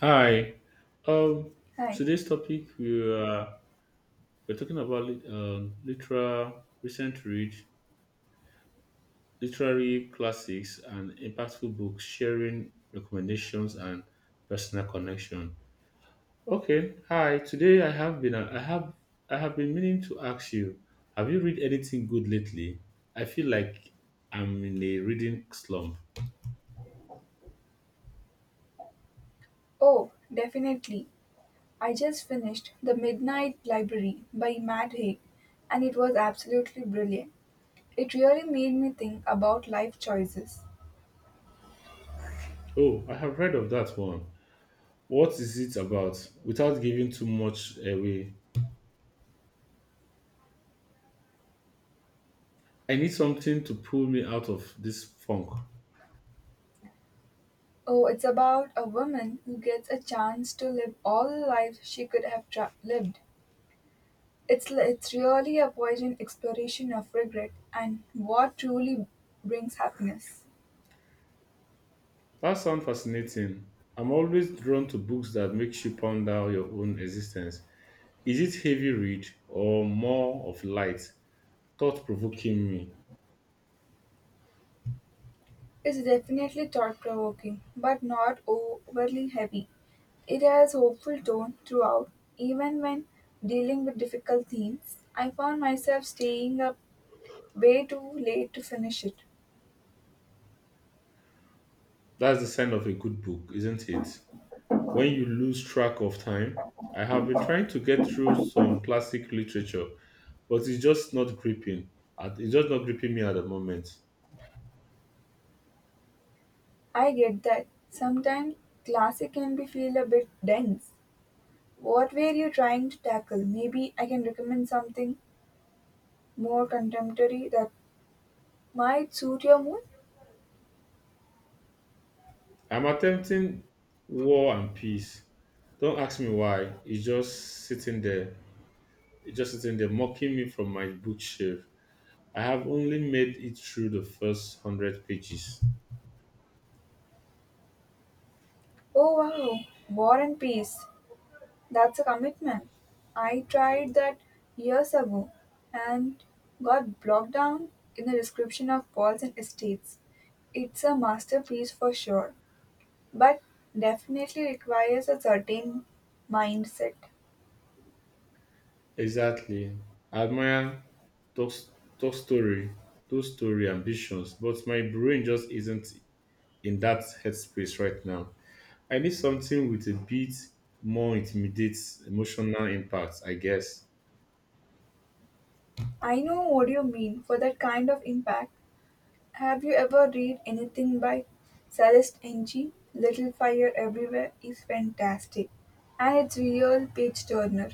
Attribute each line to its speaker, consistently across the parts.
Speaker 1: Hi. Um,
Speaker 2: Hi.
Speaker 1: Today's topic, we are we're talking about lit- literal recent read, literary classics, and impactful books, sharing recommendations and personal connection. Okay. Hi. Today I have been meaning to ask you, have you read anything good lately? I feel like I'm in a reading slump.
Speaker 2: Oh, definitely. I just finished The Midnight Library by Matt Haig, and it was absolutely brilliant. It really made me think about life choices.
Speaker 1: Oh, I have read of that one. What is it about? Without giving too much away, I need something to pull me out of this funk.
Speaker 2: Oh, it's about a woman who gets a chance to live all the lives she could have lived. It's really a poignant exploration of regret and what truly brings happiness.
Speaker 1: That sounds fascinating. I'm always drawn to books that makes you ponder your own existence. Is it heavy read or more of light, thought provoking me?
Speaker 2: It's definitely thought-provoking, but not overly heavy. It has hopeful tone throughout, even when dealing with difficult themes. I found myself staying up way too late to finish it.
Speaker 1: That's the sign of a good book, isn't it? When you lose track of time, I have been trying to get through some classic literature, but it's just not gripping. It's just not gripping me at the moment.
Speaker 2: I get that. Sometimes classic can be feel a bit dense. What were you trying to tackle? Maybe I can recommend something more contemporary that might suit your mood.
Speaker 1: I'm attempting War and Peace. Don't ask me why. It's just sitting there mocking me from my bookshelf. I have only made it through the first hundred pages.
Speaker 2: Oh wow, War and Peace. That's a commitment. I tried that years ago and got blocked down in the description of walls and estates. It's a masterpiece for sure, but definitely requires a certain mindset.
Speaker 1: Exactly. I admire Tolstoy, Tolstoy, Tolstoy ambitions, but my brain just isn't in that headspace right now. I need something with a bit more intimidate emotional impact, I guess.
Speaker 2: I know what you mean for that kind of impact. Have you ever read anything by Celeste Ng? Little Fire Everywhere is fantastic and it's real page turner.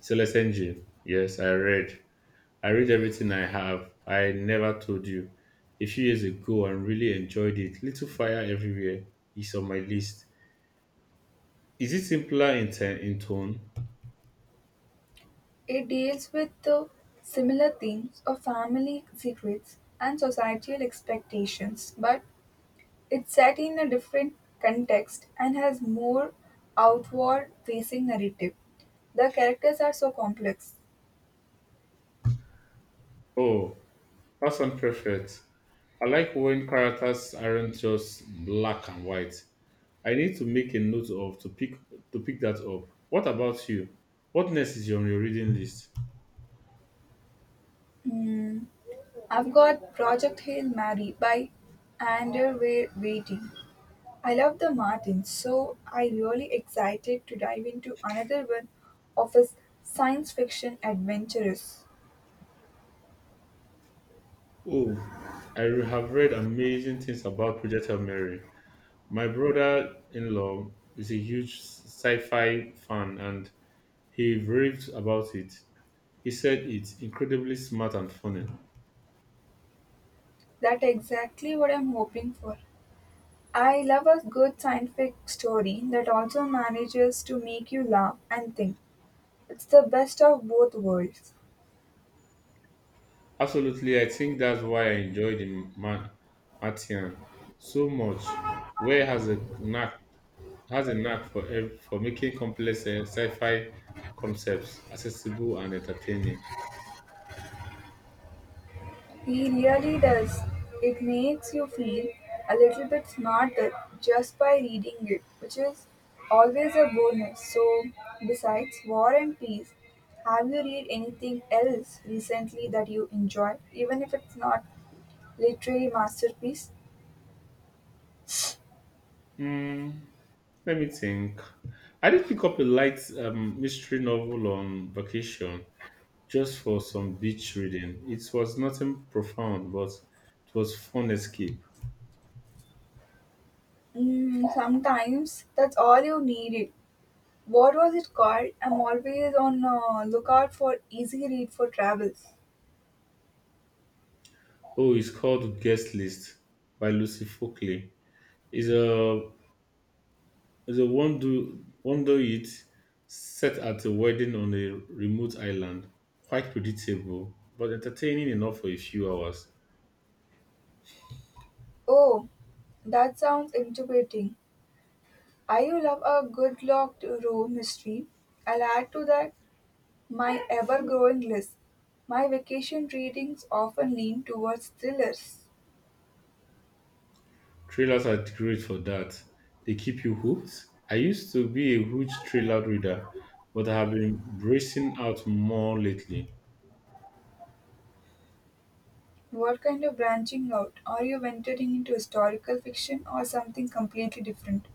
Speaker 1: Celeste Engine. Yes, I read. I read everything I have. I never told you. A few years ago and really enjoyed it. Little Fire Everywhere is on my list. Is it simpler in tone?
Speaker 2: It deals with the similar themes of family secrets and societal expectations, but it's set in a different context and has more outward facing narrative. The characters are so complex.
Speaker 1: Oh, that sounds perfect. I like when characters aren't just black and white. I need to make a note of to pick that up. What about you? What next is on your reading list?
Speaker 2: Hmm, I've got Project Hail Mary by Waiting. I love the Martin, so I really excited to dive into another one of his science fiction adventures.
Speaker 1: Oh, have read amazing things about Project Hail Mary. My brother in law is a huge sci fi fan and he raved about it. He said it's incredibly smart and funny.
Speaker 2: That's exactly what I'm hoping for. I love a good scientific story that also manages to make you laugh and think. It's the best of both worlds.
Speaker 1: Absolutely, I think that's why I enjoyed Martian so much. Where has a knack for making complex sci-fi concepts accessible and entertaining.
Speaker 2: He really does. It makes you feel a little bit smarter just by reading it, which is always a bonus. So, besides War and Peace, have you read anything else recently that you enjoy, even if it's not literary masterpiece?
Speaker 1: Mm, let me think. I did pick up a light mystery novel on vacation, just for some beach reading. It was nothing profound, but it was fun escape.
Speaker 2: Mm, sometimes that's all you needed. What was it called? I'm always on lookout for easy read for travels.
Speaker 1: Oh, it's called Guest List by Lucy Folkley. It's a it's a wonder wonder it set at a wedding on a remote island. Quite predictable, but entertaining enough for a few hours.
Speaker 2: Oh, that sounds intimidating. I you love a good locked room mystery. I'll add to that my ever-growing list. My vacation readings often lean towards thrillers.
Speaker 1: Trailers are great for that. They keep you hooked. I used to be a huge trailer reader, but I have been bracing out more lately.
Speaker 2: What kind of branching out? Are you venturing into historical fiction or something completely different?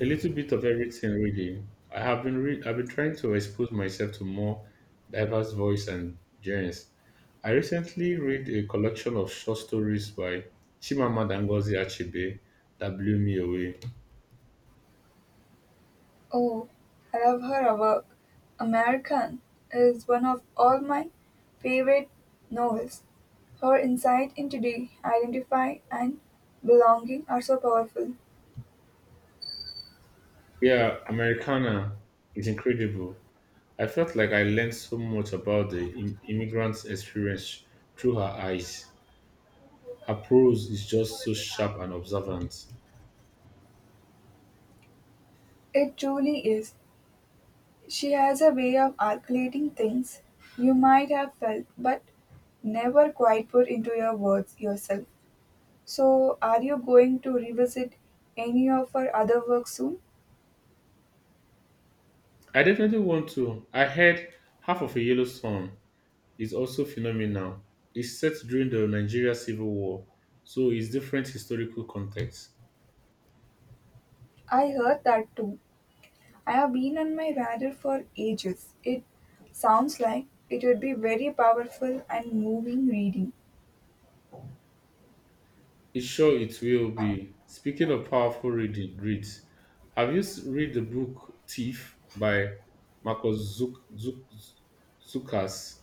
Speaker 1: A little bit of everything, really. I've been trying to expose myself to more diverse voice and genres. I recently read a collection of short stories by Chimamanda Ngozi Achebe that blew me away.
Speaker 2: Oh, I love her work. American is one of all my favorite novels. Her insight into the identify and belonging are so powerful.
Speaker 1: Yeah, Americana is incredible. I felt like I learned so much about the immigrant's experience through her eyes. Her prose is just so sharp and observant.
Speaker 2: It truly is. She has a way of articulating things you might have felt but never quite put into your words yourself. So, are you going to revisit any of her other work soon?
Speaker 1: I definitely want to. I heard half of a yellow sun is also phenomenal. It's set during the Nigeria Civil War, so it's different historical context.
Speaker 2: I heard that too. I've been on my radar for ages. It sounds like it would be very powerful and moving reading.
Speaker 1: It's sure it will be. Speaking of powerful reads, have you read the book Thief by Marcus Zukas?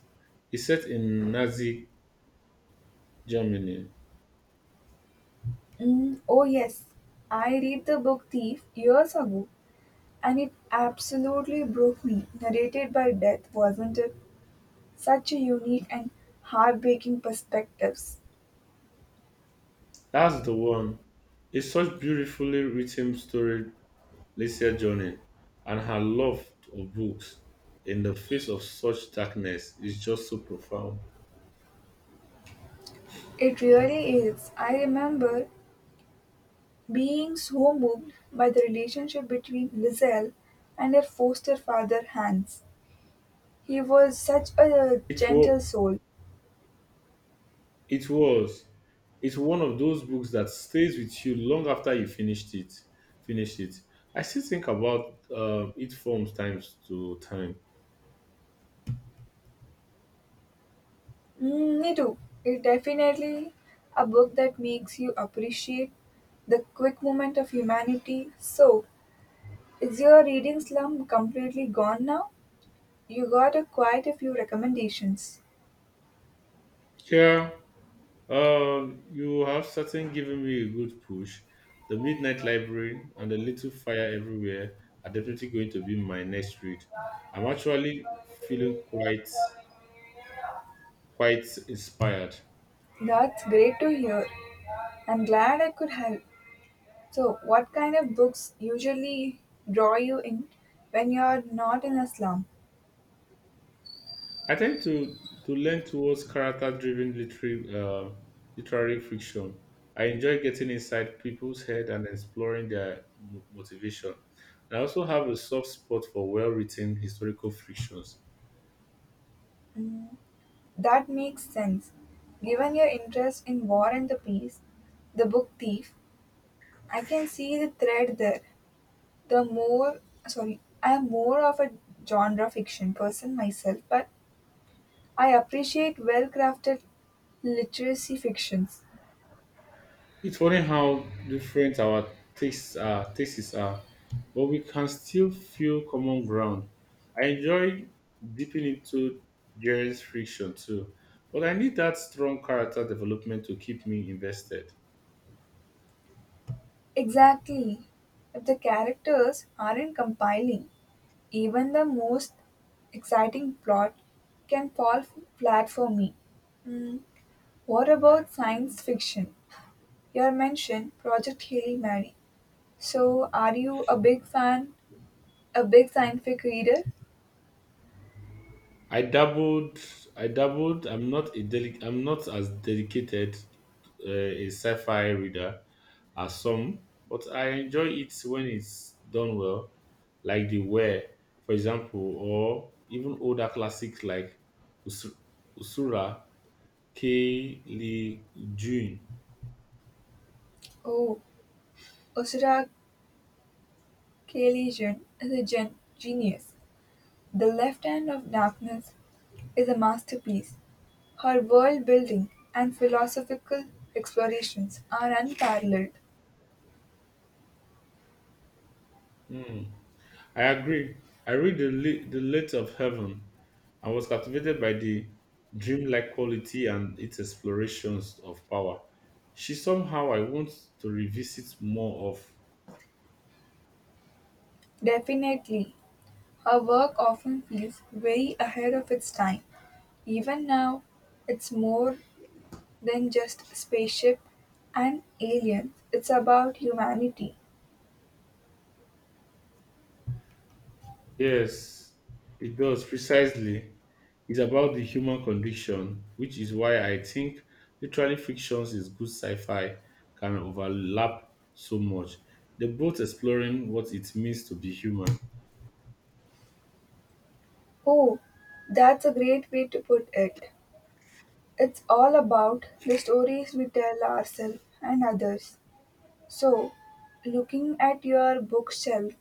Speaker 1: It's set in Nazi Germany.
Speaker 2: Mm, oh, yes, I read the book Thief years ago and it absolutely broke me. Narrated by Death, wasn't it? Such a unique and heartbreaking perspectives.
Speaker 1: That's the one. It's such beautifully written story Lycia Johnny, and her love of books in the face of such darkness is just so profound.
Speaker 2: It really is. I remember being so moved by the relationship between Lizelle and her foster father Hans. He was such a
Speaker 1: It was,
Speaker 2: gentle soul.
Speaker 1: it was, it's one of those books that stays with you long after you finished it. I still think about it from times to time.
Speaker 2: Mm, me too. It definitely a book that makes you appreciate the quick moment of humanity. So, is your reading slump completely gone now? You got a quite a few recommendations.
Speaker 1: Yeah, you have certainly given me a good push. The Midnight Library and The Little Fire Everywhere are definitely going to be my next read. I'm actually feeling quite inspired.
Speaker 2: That's great to hear. I'm glad I could help. So, what kind of books usually draw you in when you're not in a slump?
Speaker 1: I tend to lean towards character driven literary fiction. I enjoy getting inside people's head and exploring their motivation. And I also have a soft spot for well written historical fictions.
Speaker 2: Mm, that makes sense. Given your interest in War and the Peace, The Book Thief, I can see the thread there. The more, sorry, I am more of a genre fiction person myself, but I appreciate well crafted literacy fictions.
Speaker 1: It's funny how different our tastes are, but we can still feel common ground. I enjoy dipping into Jerry's friction too, but I need that strong character development to keep me invested.
Speaker 2: Exactly. If the characters aren't compiling, even the most exciting plot can fall flat for me. What about science fiction? Your mention, Project Hail Mary. So, are you a big fan, a big scientific reader?
Speaker 1: I dabbled, I dabbled. I'm not as dedicated a sci-fi reader, are some, but I enjoy it when it's done well, like the Ware, for example, or even older classics like Us- Usura K. Lee Jun.
Speaker 2: Oh, Usura Caelian is a genius. "The Left Hand of Darkness" is a masterpiece. Her world-building and philosophical explorations are unparalleled.
Speaker 1: Hmm, I agree. I read the Light of Heaven and was captivated by the dreamlike quality and its explorations of power. She somehow I want to revisit more of.
Speaker 2: Definitely, her work often feels very ahead of its time. Even now, it's more than just spaceship and aliens, it's about humanity.
Speaker 1: Yes, it does precisely. It's about the human condition, which is why I think literally fictions is good sci-fi can overlap so much. They're both exploring what it means to be human.
Speaker 2: Oh, that's a great way to put it. It's all about the stories we tell ourselves and others. So, looking at your bookshelf,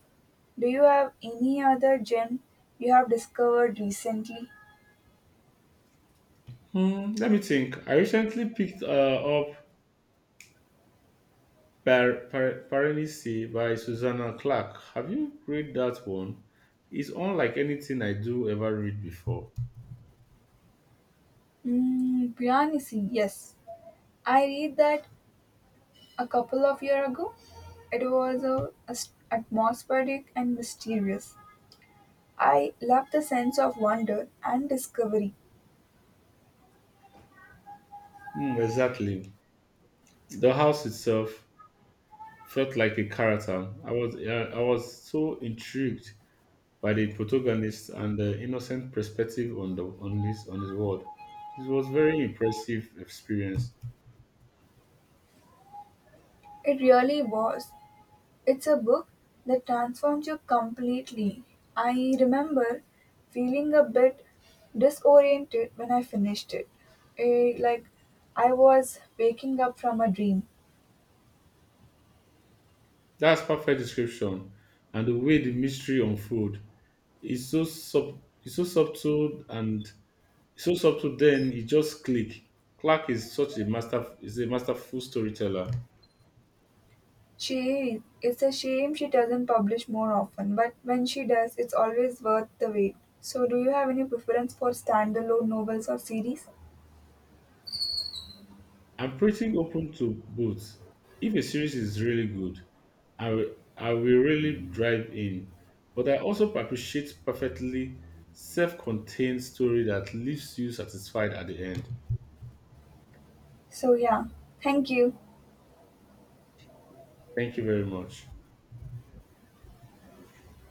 Speaker 2: do you have any other gem you have discovered recently?
Speaker 1: Hmm, let me think. I recently picked up Paranisi by Susanna Clark. Have you read that one? It's unlike anything I do ever read before.
Speaker 2: Mm, Piranesi, yes. I read that a couple of years ago. It was atmospheric and mysterious. I loved the sense of wonder and discovery.
Speaker 1: Hmm, exactly. The house itself felt like a character. I was so intrigued by the protagonist and the innocent perspective on the on this on his world. It was very impressive experience.
Speaker 2: It really was. It's a book that transforms you completely. I remember feeling a bit disoriented when I finished it. Like I was waking up from a dream.
Speaker 1: That's perfect description. And the way the mystery unfold is so subtle. Then it just click. Clark is such a master is a masterful storyteller.
Speaker 2: She it's a shame she doesn't publish more often, but when she does, it's always worth the wait. So do you have any preference for standalone novels or series?
Speaker 1: I'm pretty open to both. If a series is really good, I will really drive in. But I also appreciate perfectly self-contained story that leaves you satisfied at the end.
Speaker 2: So yeah. Thank you.
Speaker 1: Thank you very much.